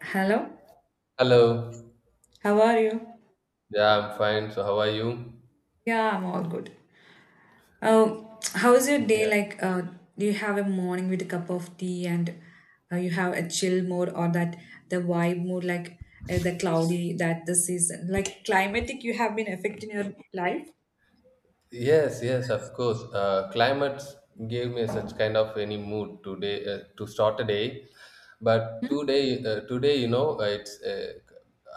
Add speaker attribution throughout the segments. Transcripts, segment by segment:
Speaker 1: Hello?
Speaker 2: Hello.
Speaker 1: How are you?
Speaker 2: Yeah, I'm fine. So how are you?
Speaker 1: Yeah, I'm all good. How's your day
Speaker 2: Yeah.
Speaker 1: like? Do you have a morning with a cup of tea and you have a chill mode or that the vibe mode like the cloudy that the season like climatic you have been affecting your life?
Speaker 2: Yes, yes, of course. Climate gave me such kind of any mood today to start a day, but today, it's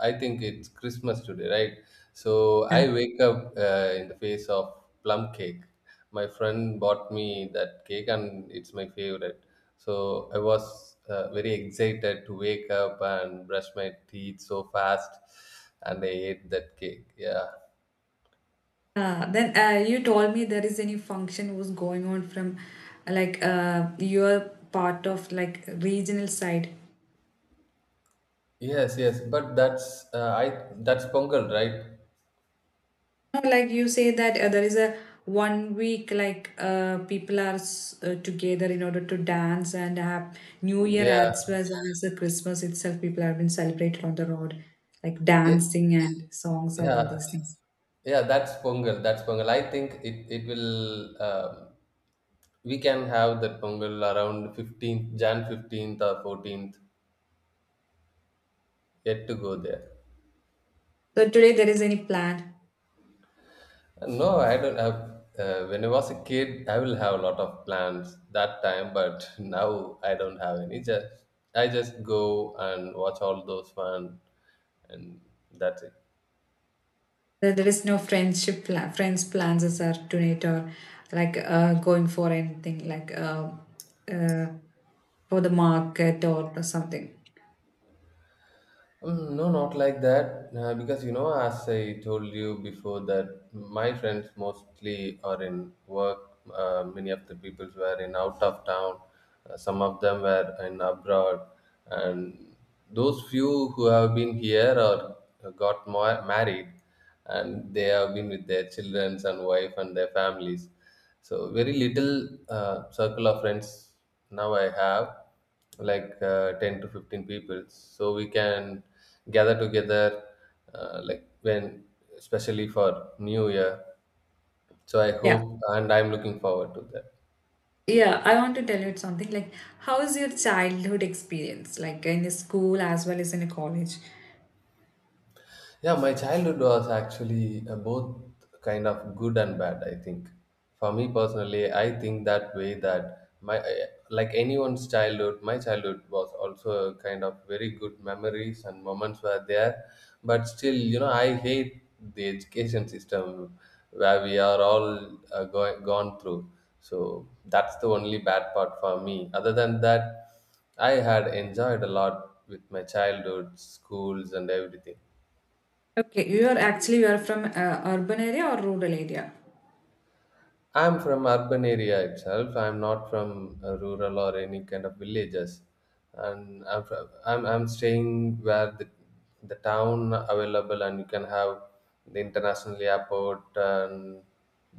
Speaker 2: I think it's Christmas today, right? So
Speaker 1: Yeah.
Speaker 2: I wake up in the face of plum cake. My friend bought me that cake, and it's my favorite. So I was very excited to wake up and brush my teeth so fast, and I ate that cake. Yeah.
Speaker 1: Then you told me there is any function was going on from like your part of like regional side.
Speaker 2: Yes, yes, but that's Pongal, right?
Speaker 1: No, like you say that there is a 1 week like people are together in order to dance and have New Year
Speaker 2: Yeah,
Speaker 1: as well as the Christmas itself. People have been celebrated on the road, like
Speaker 2: yeah,
Speaker 1: dancing and songs and all
Speaker 2: yeah,
Speaker 1: these things.
Speaker 2: yeah. That's Pongal. That's Pongal. I think it will. We can have that Pongal around 15th Jan 15th or 14th. Yet to go there.
Speaker 1: So today there is any plan?
Speaker 2: No, I don't have. When I was a kid, I will have a lot of plans that time, but now I don't have any. Just I just go and watch all those fun, and that's it.
Speaker 1: There is no friendship plan, friends plans as are tonight or like going for anything like uh, for the market or something.
Speaker 2: No, not like that. Because you know, as I told you before, that my friends mostly are in work. Many of the people were in out of town. Some of them were in abroad, and those few who have been here or married, and they have been with their children and wife and their families. So very little circle of friends now I have like 10 to 15 people, so we can gather together, like when, especially for new year. So I
Speaker 1: Yeah.
Speaker 2: hope, and I'm looking forward to that.
Speaker 1: Yeah, I want to tell you something like how is your childhood experience like in the school as well as in a college?
Speaker 2: Yeah, my childhood was actually both kind of good and bad, I think. For me personally, I think that way that like anyone's childhood, my childhood was also a kind of very good memories and moments were there. But still, you know, I hate the education system where we are all gone through. So that's the only bad part for me. Other than that, I had enjoyed a lot with my childhood, schools, and everything.
Speaker 1: Okay, you are from urban area or rural area?
Speaker 2: I'm from urban area itself. I'm not from rural or any kind of villages, and I'm from, I'm staying where the town available, and you can have the international airport and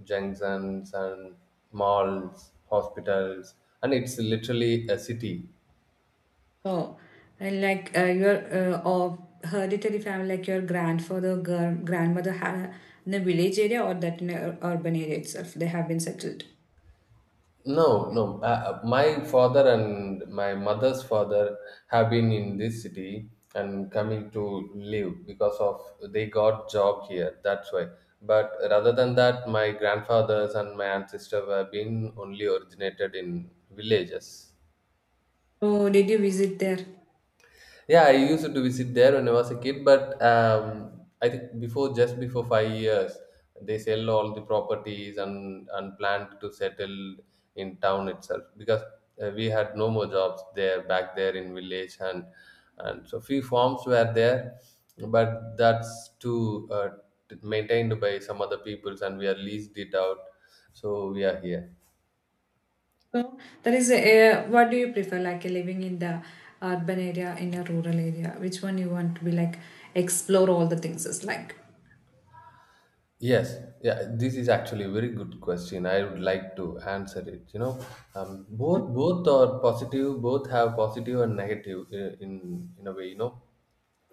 Speaker 2: junctions and malls, hospitals, and it's literally a city.
Speaker 1: Oh, and like your or hereditary family like your grandfather, grandmother had in a village area or that in a urban area itself they have been settled.
Speaker 2: No, no. My father and my mother's father have been in this city and coming to live because of they got job here. That's why. But rather than that, my grandfathers and my ancestor were being only originated in villages.
Speaker 1: Oh, did you visit there?
Speaker 2: Yeah, I used to visit there when I was a kid, but I think before just before 5 years, they sell all the properties and planned to settle in town itself, because we had no more jobs there back there in village, and so few farms were there, but that's too maintained by some other peoples and we are leased it out, so we are here.
Speaker 1: So that is a, what do you prefer like living in the urban area in a rural area which one you want to be like explore all the things is like
Speaker 2: Yes, yeah, this is actually a very good question. I would like to answer it. You know, both are positive. Both have positive and negative in a way. You know,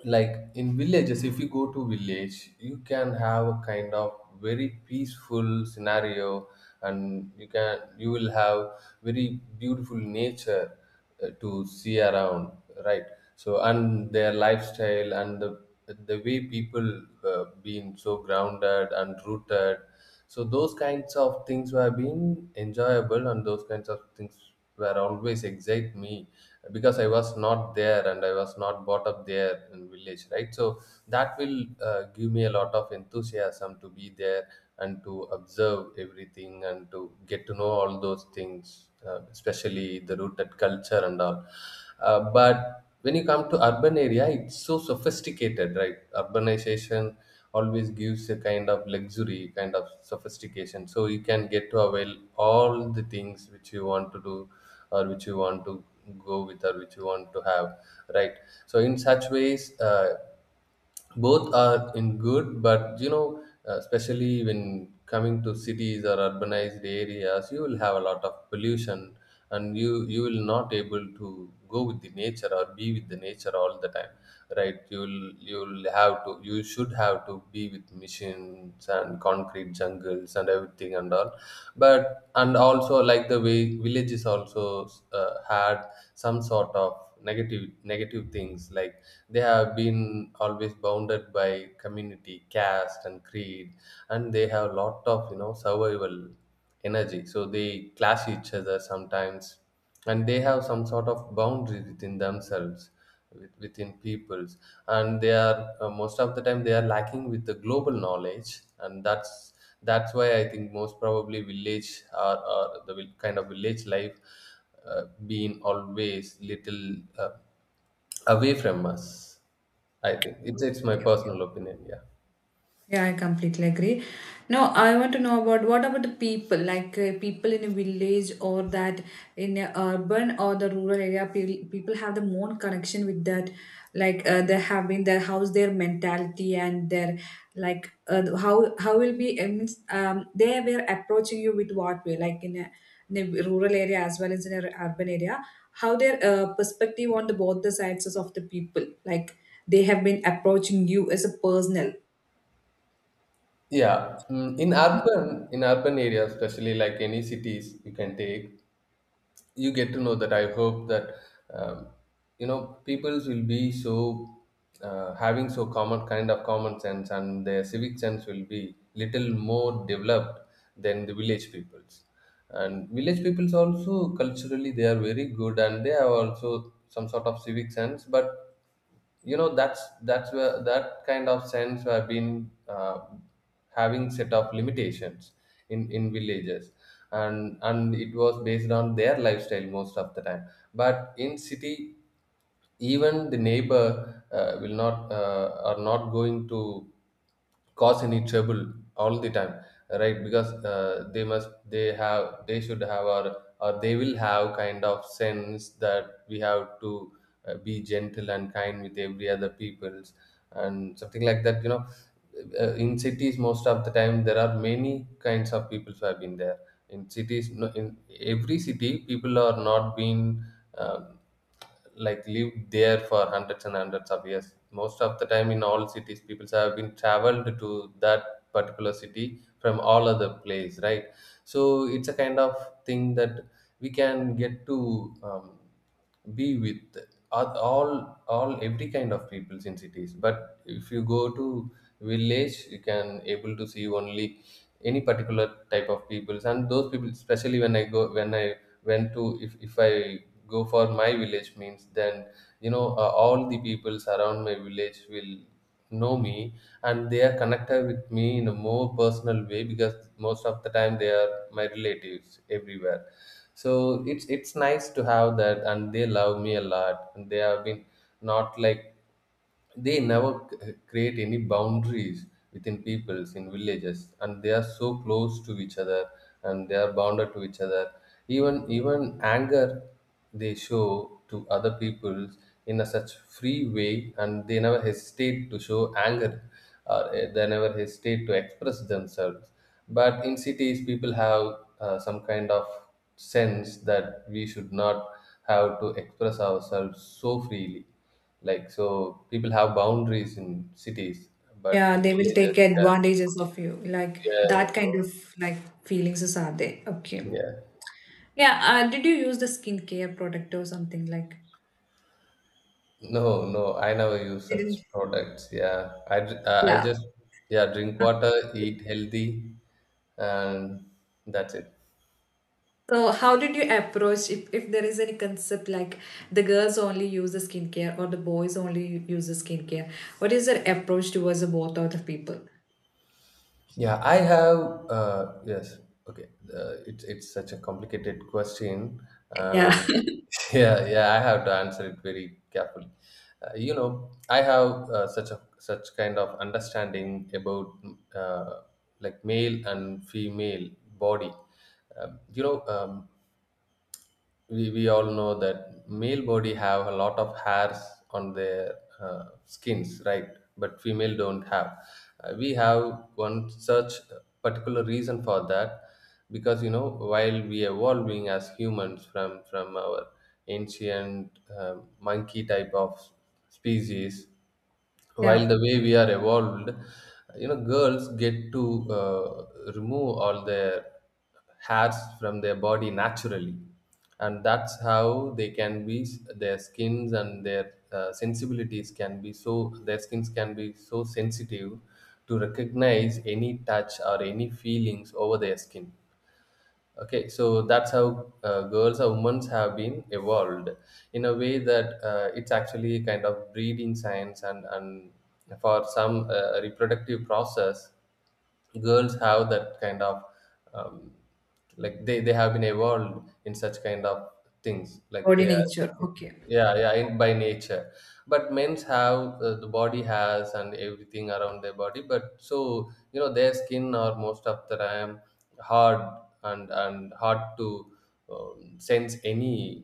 Speaker 2: like in villages, if you go to village, you can have a kind of very peaceful scenario, and you will have very beautiful nature to see around, right? So, and their lifestyle and the way people being so grounded and rooted, so those kinds of things were being enjoyable, and those kinds of things were always excite me, because I was not there and I was not brought up there in village, right? So that will give me a lot of enthusiasm to be there and to observe everything and to get to know all those things, especially the rooted culture and all. But when you come to urban area, it's so sophisticated. Right, urbanization always gives a kind of luxury kind of sophistication, so you can get to avail all the things which you want to do, or which you want to go with, or which you want to have, right? So in such ways, both are in good. But you know, especially when coming to cities or urbanized areas, you will have a lot of pollution, and you will not able to go with the nature or be with the nature all the time, right? You will you will have to, you should have to be with machines and concrete jungles and everything and all. But and also, like the way villages also had some sort of negative things, like they have been always bounded by community, caste and creed, and they have a lot of, you know, survival energy, so they clash each other sometimes, and they have some sort of boundary within themselves, within peoples, and they are, most of the time they are lacking with the global knowledge. And that's why I think most probably village or the vil- kind of village life been always little uh, away from us. I think it's my
Speaker 1: okay.
Speaker 2: personal opinion. Yeah.
Speaker 1: Yeah, I completely agree. No, I want to know about what about the people, like people in a village or that in a urban or the rural area, people have the more connection with that, like they have been. Their house, their mentality and their like how will be I means they were approaching you with what way, like in a rural area as well as in an urban area, how their perspective on the both the sides of the people, like they have been approaching you as a personal.
Speaker 2: Yeah, mm, in urban areas, especially like any cities you can take, you get to know that I hope that, um, you know, peoples will be so having so common kind of common sense, and their civic sense will be little more developed than the village peoples. And village peoples also culturally they are very good, and they have also some sort of civic sense, but you know, that's where that kind of sense have been having set of limitations in villages. And it was based on their lifestyle most of the time. But in city, even the neighbor will not are not going to cause any trouble all the time, right? Because they have, they should have, or they will have kind of sense that we have to be gentle and kind with every other peoples, and something like that, you know. In cities, most of the time, there are many kinds of people who have been there in cities. No, in every city, people are not been, um, like, lived there for hundreds and hundreds of years. Most of the time, in all cities, people have been traveled to that particular city from all other place, right? So it's a kind of thing that we can get to, be with every kind of peoples in cities. But if you go to village, you can able to see only any particular type of peoples, and those people, especially when I go when I went to if I go for my village means, then you know, all the peoples around my village will know me, and they are connected with me in a more personal way, because most of the time they are my relatives everywhere. So it's nice to have that, and they love me a lot, and they have been, not like, they never create any boundaries within peoples in villages. And they are so close to each other, and they are bounded to each other. Even anger they show to other people in a such free way, and they never hesitate to show anger, or they never hesitate to express themselves. But in cities, people have some kind of sense that we should not have to express ourselves so freely. Like, so, people have boundaries in cities, but
Speaker 1: Yeah,
Speaker 2: in
Speaker 1: they will take
Speaker 2: villages, yeah,
Speaker 1: advantages of you. Like
Speaker 2: yes,
Speaker 1: that kind
Speaker 2: yeah,
Speaker 1: of like feelings is are there. Okay.
Speaker 2: yeah.
Speaker 1: Yeah. Did you use the skincare product or something like?
Speaker 2: No, no, I never use
Speaker 1: Didn't.
Speaker 2: such products. Yeah, I, dr- I
Speaker 1: Yeah.
Speaker 2: just, yeah, drink
Speaker 1: Uh,
Speaker 2: water, eat healthy, and that's it.
Speaker 1: So how did you approach if there is any concept like the girls only use the skincare or the boys only use the skincare? What is their approach towards the both of the people?
Speaker 2: Yeah, I have, yes, okay. It's such a complicated question,
Speaker 1: Yeah.
Speaker 2: and yeah, yeah, I have to answer it very carefully. You know, I have such kind of understanding about uh, like male and female body. Um, you know, um, we all know that male body have a lot of hairs on their skins, right? But female don't have. We have one such particular reason for that, because, you know, while we evolving as humans from our ancient monkey type of species,
Speaker 1: Yeah.
Speaker 2: while the way we are evolved, you know, girls get to uh, remove all their hairs from their body naturally, and that's how they can be their skins and their sensibilities can be so their skins can be so sensitive to recognize any touch or any feelings over their skin. Okay, so that's how girls or women have been evolved in a way that it's actually a kind of breeding science, and for some reproductive process, girls have that kind of um, like they have been evolved in such kind of things like
Speaker 1: Body
Speaker 2: they are.
Speaker 1: nature. Okay.
Speaker 2: Yeah, yeah, in, by nature. But men's have the body has and everything around their body, but so you know, their skin are most of the time hard, and hard to sense any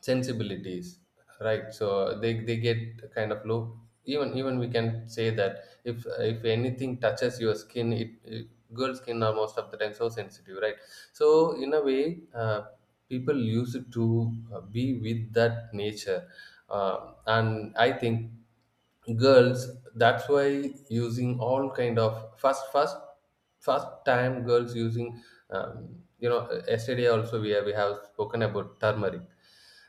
Speaker 2: sensibilities, right? So they get kind of low. Even we can say that if anything touches your skin, it girl skin are most of the time so sensitive, right? So in a way people used to be with that nature. And I think girls, that's why using all kind of first time girls using um, yesterday also, we have spoken about turmeric.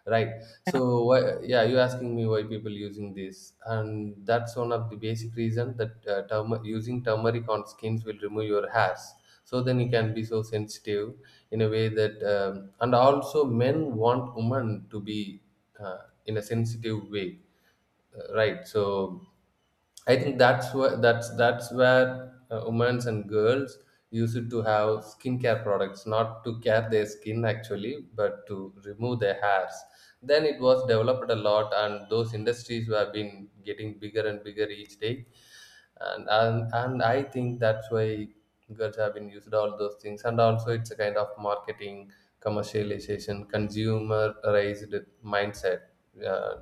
Speaker 2: Right. So why, yeah, you're asking me why people using this, and that's one of the basic reason that using turmeric on skins will remove your hairs. So then you can be so sensitive in a way that, and also men want women to be in a sensitive way, right? So I think that's where that's where women and girls used to have skincare products, not to care their skin actually, but to remove their hairs. Then it was developed a lot, and those industries have been getting bigger and bigger each day. And I think that's why girls have been used all those things, and also it's a kind of marketing, commercialization, consumerized mindset. Uh,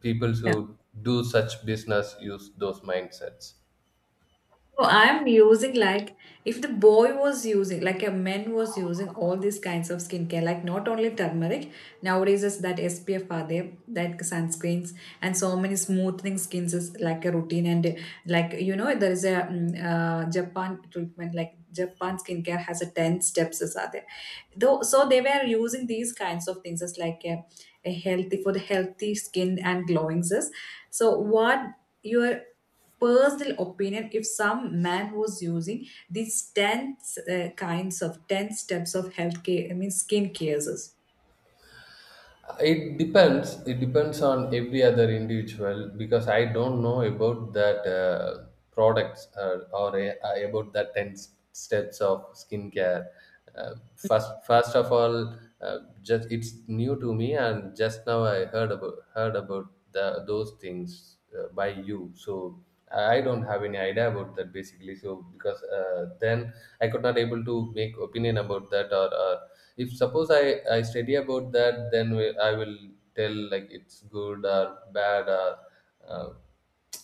Speaker 2: People
Speaker 1: Yeah.
Speaker 2: who do such business use those mindsets.
Speaker 1: So I'm using like if the boy was using like a man was using all these kinds of skincare, like not only turmeric, nowadays is that SPF are there, that sunscreens and so many smoothing skins is like a routine and like you know there is a Japan treatment like Japan skincare has a 10 steps is are there. Though so they were using these kinds of things as like a healthy for the healthy skin and glowing is. So what your personal opinion if some man was using these 10 kinds of 10 steps of health care I mean skin cares.
Speaker 2: It depends on every other individual because I don't know about that products, about that 10 steps of skincare. First first of all Just it's new to me, and just now I heard about those things by you. So I don't have any idea about that basically, so because then I could not able to make opinion about that, or if suppose I study about that, then I will tell like it's good or bad or uh,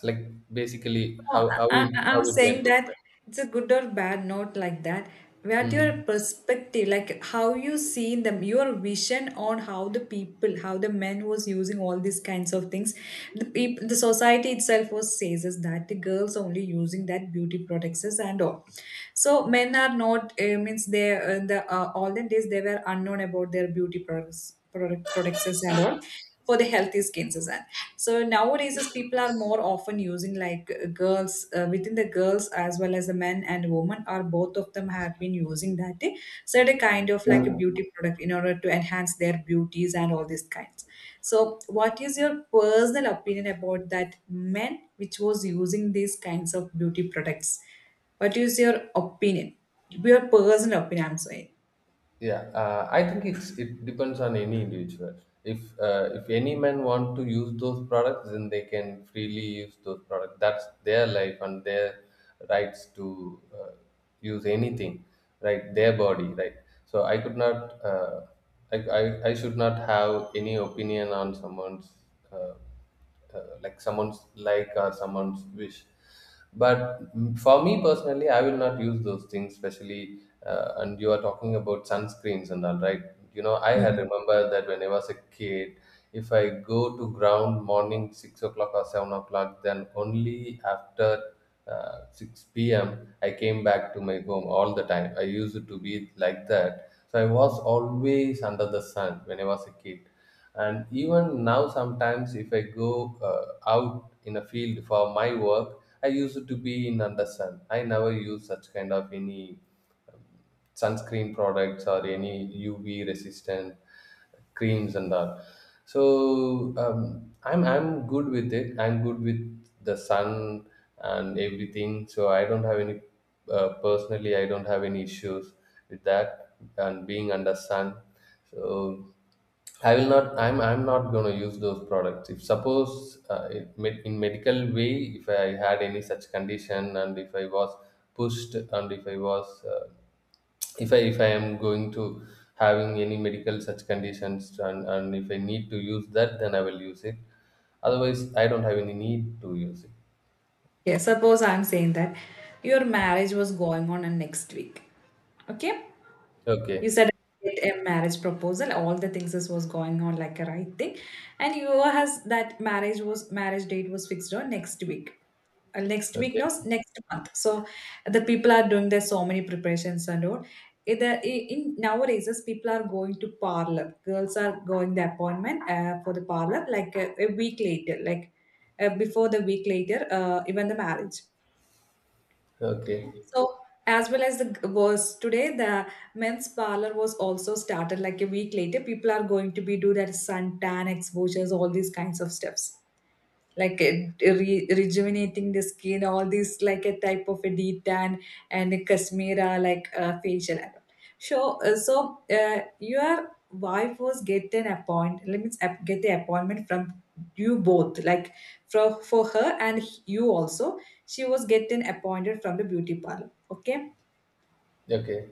Speaker 2: like basically
Speaker 1: No, I, I-
Speaker 2: how
Speaker 1: I'm
Speaker 2: it went
Speaker 1: saying
Speaker 2: with
Speaker 1: that
Speaker 2: me.
Speaker 1: it's a good or bad note like that. What your
Speaker 2: Hmm.
Speaker 1: perspective, like how you see them, your vision on how the people, how the men was using all these kinds of things. The people, the society itself was says is that the girls only using that beauty products is and all. So men are not means they the all the days they were unknown about their beauty products is and all for the healthy skins is that so nowadays as people are more often using like girls within the girls as well as the men and women are both of them have been using that certain kind of like a beauty product in order to enhance their beauties and all these kinds so what is your personal opinion about that men which was using these kinds of beauty products, what is your opinion, your personal opinion I'm saying.
Speaker 2: Yeah, I think it's it depends on any individual. If any man want to use those products, then they can freely use those products. That's their life and their rights to use anything, right? Their body, right? So I could not, I should not have any opinion on someone's, uh, like someone's like or someone's wish. But for me personally, I will not use those things, especially and you are talking about sunscreens and all, right? You know, I had remembered that when I was a kid, if I go to ground morning 6 o'clock or 7 o'clock, then only after 6 p.m I came back to my home. All the time I used to be like that, so I was always under the sun when I was a kid. And even now sometimes, if I go out in a field for my work, I used to be in under sun. I never use such kind of any sunscreen products or any UV resistant creams and all. So I'm good with it. I'm good with the sun and everything. So I don't have any personally, I don't have any issues with that and being under sun. So I will not. I'm not going to use those products. If suppose in medical way, if I had any such condition, and if I was pushed, and if I am going to having any medical such conditions, and if I need to use that, then I will use it. Otherwise, I don't have any need to use it.
Speaker 1: Okay, suppose I'm saying that your marriage was going on and next week. Okay? You
Speaker 2: Okay.
Speaker 1: said I get a marriage proposal, all the things this was going on like a right thing. And you has that marriage date was fixed on next week. Next week, no,
Speaker 2: Okay.
Speaker 1: next month. So the people are doing there's so many preparations and all. In, the, in- Nowadays, as people are going to parlor. Girls are going the appointment for the parlor like a week later, like before the week later, even the marriage.
Speaker 2: Okay.
Speaker 1: So as well as the was today, the men's parlor was also started like a week later. People are going to be do their suntan exposures, all these kinds of steps like a, rejuvenating the skin all these like a type of a deep tan and a kashmira like facial so your wife was get an appointment, let me get the appointment from you both like for her and you also, she was getting appointed from the beauty parlor, okay?
Speaker 2: Okay.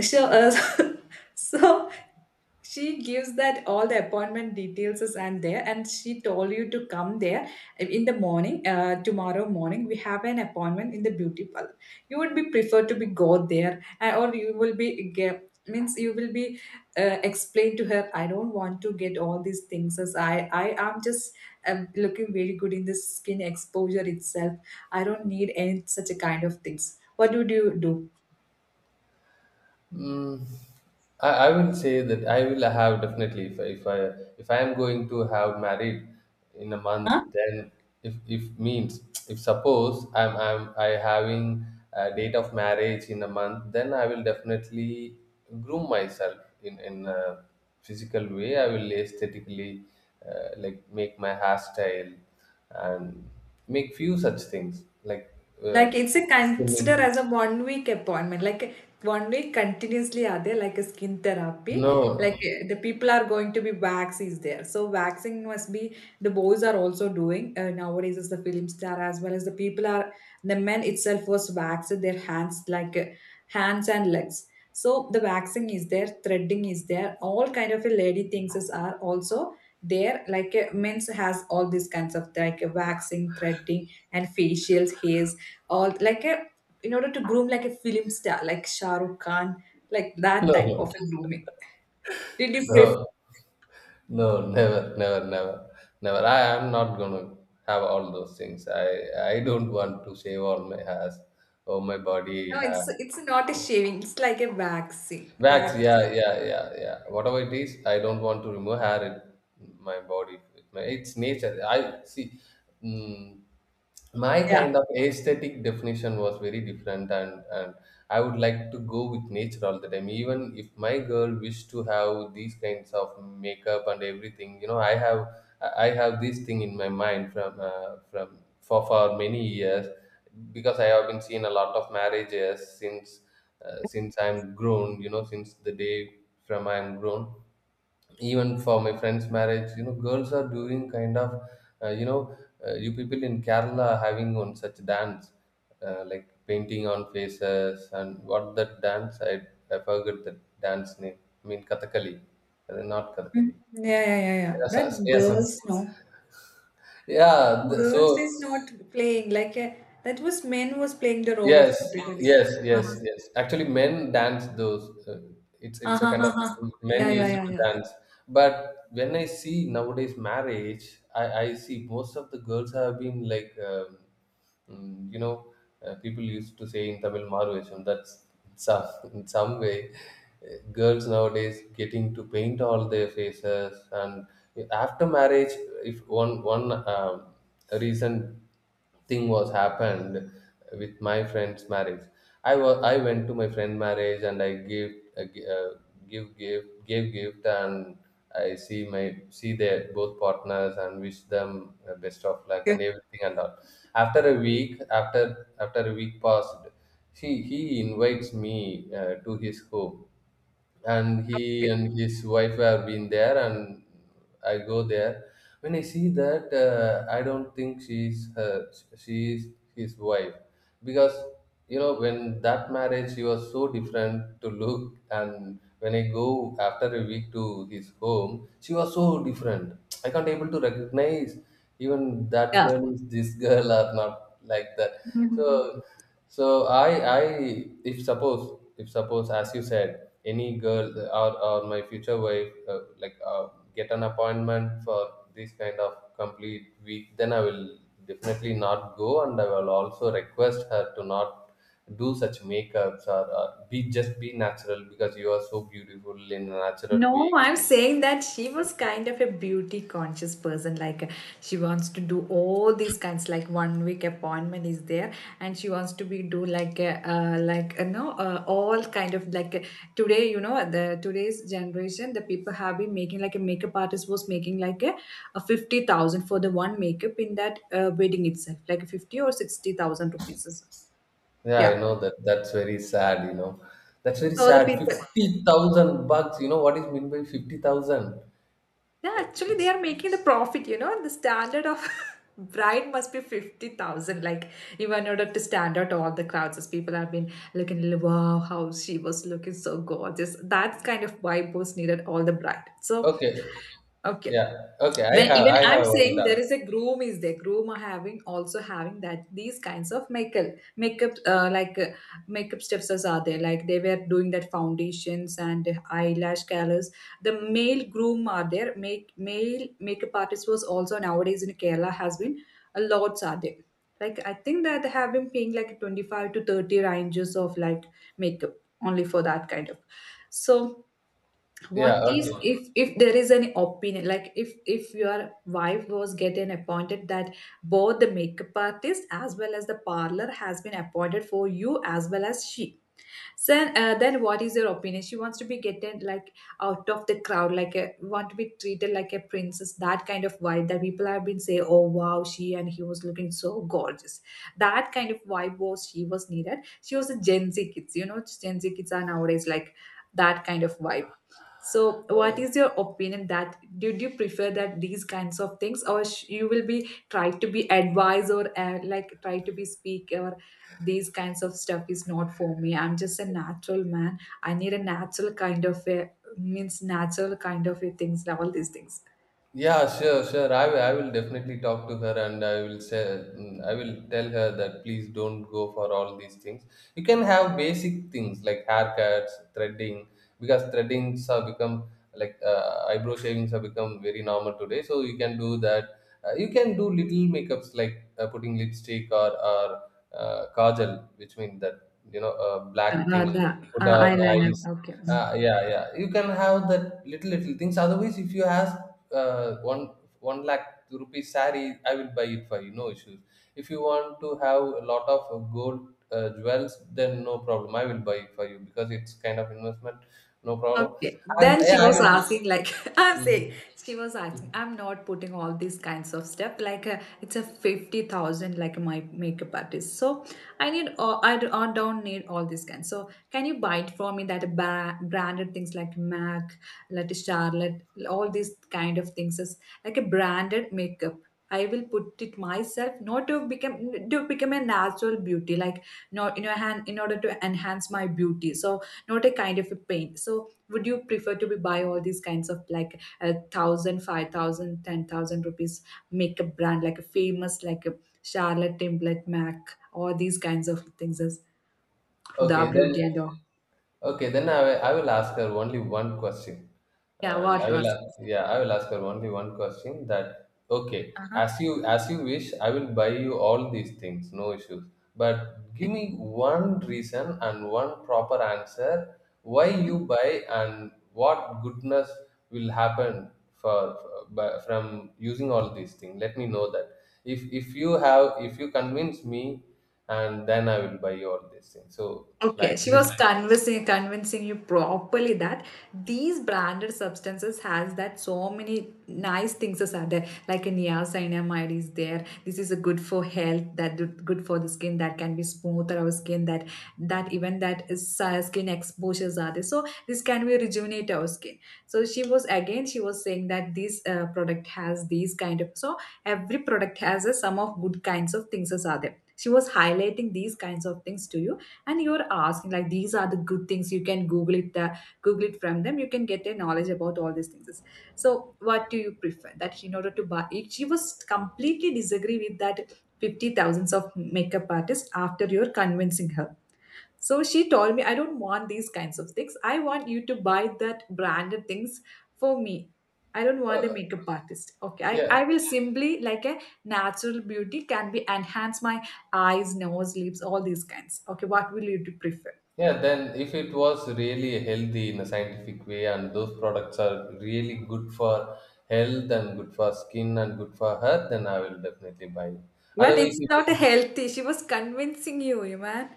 Speaker 1: So so she gives that all the appointment details is and there and she told you to come there in the morning, tomorrow morning we have an appointment in the beauty parlor, you would be preferred to be go there or you will be get means you will be explain to her I don't want to get all these things as I am just looking very good in the skin exposure itself, I don't need any such a kind of things, what would you do?
Speaker 2: Mm, I will say that I will have definitely, if I am going to have married in a month, then if if means if suppose I having a date of marriage in a month, then I will definitely groom myself in a physical way. I will aesthetically like make my hairstyle and make few such things like uh,
Speaker 1: Like it's a consider
Speaker 2: trimming.
Speaker 1: as a 1 week appointment. Like 1 week continuously are there like a skin therapy. Like
Speaker 2: No,
Speaker 1: the people are going to be wax is there. So waxing must be the boys are also doing nowadays is the film star as well as the people are the men itself was waxed their hands like hands and legs. So the waxing is there, threading is there, all kind of a lady things is are also there. Like men's has all these kinds of like waxing, threading, and facials, hairs or like a in order to groom like a film star like Shah Rukh Khan, like that
Speaker 2: no,
Speaker 1: type of
Speaker 2: no.
Speaker 1: a grooming, did you prefer?
Speaker 2: No. No, never, never, never, never. I am not gonna have all those things. I don't want to shave all my hairs or my body
Speaker 1: No,
Speaker 2: hair.
Speaker 1: it's it's not a shaving, it's like a waxing
Speaker 2: Wax, yeah,
Speaker 1: waxing,
Speaker 2: yeah, yeah, yeah. Whatever it is, I don't want to remove hair in my body. It's nature. I see. Mm, my
Speaker 1: yeah.
Speaker 2: kind of aesthetic definition was very different, and I would like to go with nature all the time. Even if my girl wished to have these kinds of makeup and everything, you know, I have this thing in my mind from for many years, because I have been seeing a lot of marriages since I'm grown, you know, since the day from I'm grown. Even for my friend's marriage, you know, girls are doing kind of, uh, you know, you people in Kerala are having on such dance, like painting on faces, and what that dance, I forgot the dance name. I mean, Kathakali, not
Speaker 1: Mhm.
Speaker 2: Kathakali.
Speaker 1: Yeah, yeah, yeah, yeah,
Speaker 2: Yeah,
Speaker 1: that
Speaker 2: so- yeah, so-
Speaker 1: girls no,
Speaker 2: yeah, the-
Speaker 1: girls
Speaker 2: so
Speaker 1: is not playing like a that was men was playing the role of
Speaker 2: Yes,
Speaker 1: category.
Speaker 2: yes,
Speaker 1: Uh-huh.
Speaker 2: yes, yes. Actually, men dance those. It's
Speaker 1: Uh-huh,
Speaker 2: a kind
Speaker 1: uh-huh.
Speaker 2: of
Speaker 1: Yeah,
Speaker 2: men
Speaker 1: yeah,
Speaker 2: used
Speaker 1: yeah,
Speaker 2: to
Speaker 1: yeah.
Speaker 2: dance. But when I see nowadays marriage, I see most of the girls have been like, you know, people used to say in Tamil Marvesham. That's some, in some way, girls nowadays getting to paint all their faces, and after marriage, if one one reason thing was happened with my friend's marriage, I went to my friend marriage, and I gave gi- give gift gave gift, and I see their both partners, and wish them best of luck and
Speaker 1: Okay.
Speaker 2: everything and all. After a week passed, he invites me to his home, and he
Speaker 1: Okay.
Speaker 2: and his wife have been there, and I go there. When I see that, I don't think she is his wife, because, you know, when that marriage she was so different to look, and when I go after a week to his home, she was so different. I can't able to recognize even that girl is this girl or not, like that.
Speaker 1: Yeah.
Speaker 2: So so I if suppose as you said, any girl, or my future wife, get an appointment for this kind of complete week, then I will definitely not go, and I will also request her to not do such makeups, or be just be natural because you are so beautiful in a natural
Speaker 1: No,
Speaker 2: way.
Speaker 1: I'm saying that she was kind of a beauty conscious person. Like she wants to do all these kinds. Like 1 week appointment is there, and she wants to be do like you know all kind of like today you know the today's generation the people have been making like a makeup artist was making like a 50,000 for the one makeup in that wedding itself, like 50 or 60 thousand rupees.
Speaker 2: Yeah, I
Speaker 1: Yeah.
Speaker 2: know that. That's very sad, you know. That's very
Speaker 1: So the
Speaker 2: sad.
Speaker 1: people,
Speaker 2: 50,000 bucks! You know what is meant by 50,000?
Speaker 1: yeah,
Speaker 2: Uh,
Speaker 1: actually, they
Speaker 2: It's
Speaker 1: are making the profit. You know, the standard of bride must be 50,000. Like, even in order to stand out to all the crowds, as people have been looking, wow, how she was looking so gorgeous. That kind of vibe was needed all the bride. So,
Speaker 2: Okay.
Speaker 1: okay,
Speaker 2: Yeah. Okay. I
Speaker 1: when
Speaker 2: have
Speaker 1: even
Speaker 2: I
Speaker 1: I'm
Speaker 2: have one
Speaker 1: saying
Speaker 2: done.
Speaker 1: there is a groom is there, groom are having also having that these kinds of makeup, like makeup steps as are there like they were doing that foundations and eyelash colors, the male groom are there, make male makeup artist was also nowadays in Kerala has been a lot are there, like I think that they have been paying like 25 to 30 ranges of like makeup only for that kind of so
Speaker 2: Yeah.
Speaker 1: what is
Speaker 2: Okay.
Speaker 1: if there is an opinion like if your wife was getting appointed that both the makeup artist as well as the parlor has been appointed for you as well as she so then, what is your opinion? She wants to be getting like out of the crowd, like a, want to be treated like a princess. That kind of vibe that people have been saying, "Oh wow, she and he was looking so gorgeous." That kind of vibe was she was needed. She was a Gen Z kids, you know, Gen Z kids are nowadays like that kind of vibe. So, what is your opinion? That, did you prefer that these kinds of things, or you will be try to be advised, or like try to be speak, or these kinds of stuff is not for me. I'm just a natural man. I need a natural kind of a, means natural kind of a things, all these things.
Speaker 2: Yeah. Sure. Sure. I will definitely talk to her, and I will say, I will tell her that please don't go for all these things. You can have basic things like haircuts, threading, because threadings have become like eyebrow shavings have become very normal today. So you can do that. You can do little makeups like putting lipstick or kajal, which means that, you know, a black
Speaker 1: The
Speaker 2: thing put on
Speaker 1: Eyeliner,
Speaker 2: eyes.
Speaker 1: okay. Mm.
Speaker 2: Yeah, yeah. You can have that little things. Otherwise, if you ask uh, one one lakh rupees sari, I will buy it for you. No issues. If you want to have a lot of gold jewels, then no problem. I will buy it for you because it's kind of investment. No problem.
Speaker 1: Okay.
Speaker 2: And
Speaker 1: Then she
Speaker 2: yeah, I
Speaker 1: was
Speaker 2: will.
Speaker 1: asking, like, I'm
Speaker 2: Mm,
Speaker 1: saying, she was
Speaker 2: mm.
Speaker 1: asking, I'm not putting all these kinds of stuff. Like, it's a 50,000, like my makeup artist. So, I need, all I don't need all these kinds. So, can you buy it for me that branded things like MAC, like Charlotte, all these kind of things is like a branded makeup. I will put it myself, not to become a natural beauty, like, not in your hand, in order to enhance my beauty. So, not a kind of a pain. So would you prefer to be buy all these kinds of like a thousand, five thousand, ten thousand rupees makeup brand, like a famous like a Charlotte Tilbury, MAC, all these kinds of things as Huda
Speaker 2: Okay, then.
Speaker 1: Beauty and all?
Speaker 2: I will ask her only one question.
Speaker 1: Yeah,
Speaker 2: And
Speaker 1: what
Speaker 2: I will,
Speaker 1: was,
Speaker 2: a- yeah, I will ask her only one question that, okay,
Speaker 1: uh-huh.
Speaker 2: as you wish, I will buy you all these things, no issues. But give me one reason and one proper answer why you buy and what goodness will happen from using all these things. Let me know that. If you convince me, and then I will buy you all these things. So
Speaker 1: Okay,
Speaker 2: like
Speaker 1: she
Speaker 2: this.
Speaker 1: was convincing you properly that these branded substances has that so many nice things as are there, like a niacinamide is there. This is a good for health, that good for the skin, that can be smoother our skin, that that even that is, skin exposures are there. So this can be rejuvenate our skin. So she was saying that this, product has these kind of, so every product has a sum of good kinds of things as are there. She was highlighting these kinds of things to you and you're asking like these are the good things, you can google it, google it from them, you can get a knowledge about all these things. So what do you prefer that in order to buy it? She was completely disagree with that 50 thousands of makeup artists. After you're convincing her, so she told me, I don't want these kinds of things. I want you to buy that branded things for me. I don't want a makeup artist. Okay. I,
Speaker 2: Yeah,
Speaker 1: I will simply like a natural beauty, can be enhance my eyes, nose, lips, all these kinds. Okay, what will you do prefer?
Speaker 2: Yeah, then if it was really healthy in a scientific way, and those products are really good for health and good for skin and good for hair, then I will definitely buy it.
Speaker 1: But it's
Speaker 2: Otherwise, if
Speaker 1: not a
Speaker 2: it,
Speaker 1: healthy. She was convincing you, you man.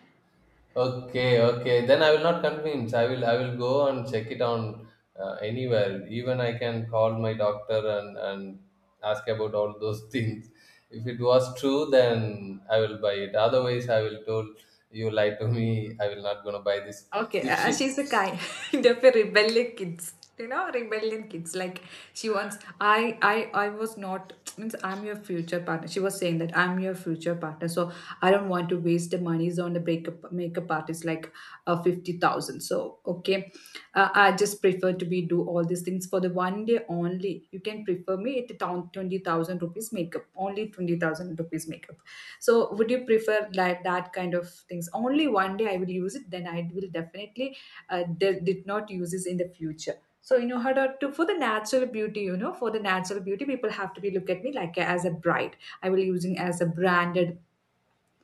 Speaker 2: okay, okay, then I will not convince. I will go and check it on anywhere. Even I can call my doctor and ask about all those things. If it was true, then I will buy it. Otherwise, I will told you lied to me. I will not gonna buy this.
Speaker 1: Okay,
Speaker 2: If she.
Speaker 1: she's the kind of a rebellious kids. You know, rebellion kids. Like she wants. I was not. Means I'm your future partner. She was saying that I'm your future partner. So I don't want to waste the monies on the breakup makeup artist like 50,000. So okay, I just prefer to be do all these things for the one day only. You can prefer me at 20,000 rupees makeup. Only 20,000 rupees makeup. So would you prefer like that kind of things? Only one day I will use it, then I will definitely did not use this in the future. So you, in order to for the natural beauty, you know, for the natural beauty, people have to be look at me like as a bride. I will using as a branded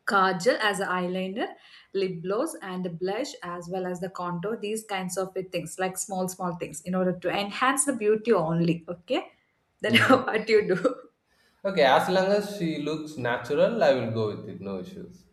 Speaker 1: kajal, as an eyeliner, lip gloss, and the blush, as well as the contour, these kinds of things, like small small things in order to enhance the beauty only. Okay, then,
Speaker 2: Hmm.
Speaker 1: what do you do?
Speaker 2: Okay, as long as she looks natural, I will go with it. No issues.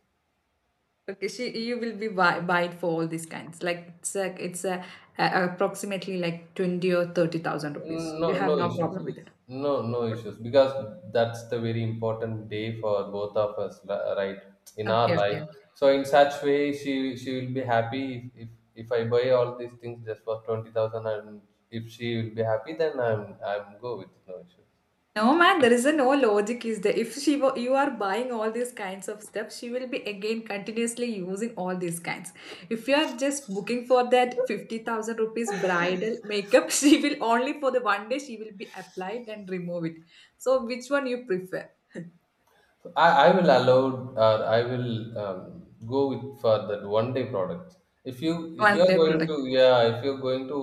Speaker 1: Okay, she, you will be wide for all these kinds. Like it's a approximately like twenty or thirty thousand rupees.
Speaker 2: No,
Speaker 1: You have
Speaker 2: no
Speaker 1: no
Speaker 2: issues.
Speaker 1: problem with it.
Speaker 2: No, no issues. Because that's the very important day for both of us, right? In our
Speaker 1: Okay, okay,
Speaker 2: life.
Speaker 1: okay.
Speaker 2: So in such way, she will be happy, if if, if I buy all these things just for 20,000, and if she will be happy, then I'm go with it. No issues.
Speaker 1: No man, there is a no logic. Is there? If you are buying all these kinds of stuff, she will be again continuously using all these kinds. If you are just booking for that 50,000 rupees bridal makeup, she will only for the one day she will be applied and remove it. So which one you prefer?
Speaker 2: I will allow, or I will go with for that one day product. If you
Speaker 1: One
Speaker 2: are
Speaker 1: day
Speaker 2: going
Speaker 1: product.
Speaker 2: to yeah if you're going to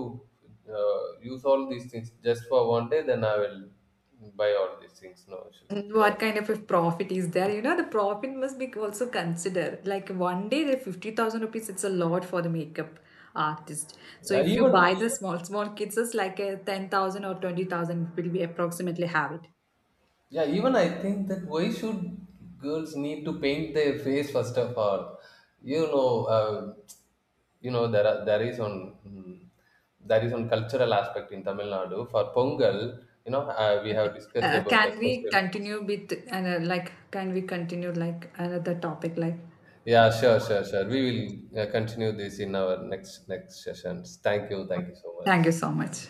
Speaker 2: use all these things just for one day, then I will buy all these things. No issues.
Speaker 1: And
Speaker 2: Yeah.
Speaker 1: what kind of a profit is there? You know, the profit must be also considered. Like one day, the 50,000 rupees, it's a lot for the makeup artist. So
Speaker 2: Yeah.
Speaker 1: if you
Speaker 2: Even
Speaker 1: buy the small, small kits, it's like a 10,000 or 20,000 will be approximately have it.
Speaker 2: Yeah, even I think that why should girls need to paint their face first of all? You know, uh, you know there is on cultural aspect in Tamil Nadu for Pongal. You know, we have discussed about
Speaker 1: Can
Speaker 2: that
Speaker 1: we
Speaker 2: festival.
Speaker 1: continue with, and, like, can we continue like another topic? Like,
Speaker 2: Yeah, sure, sure, sure. We will continue this in our next sessions. Thank you so much.
Speaker 1: thank you so much.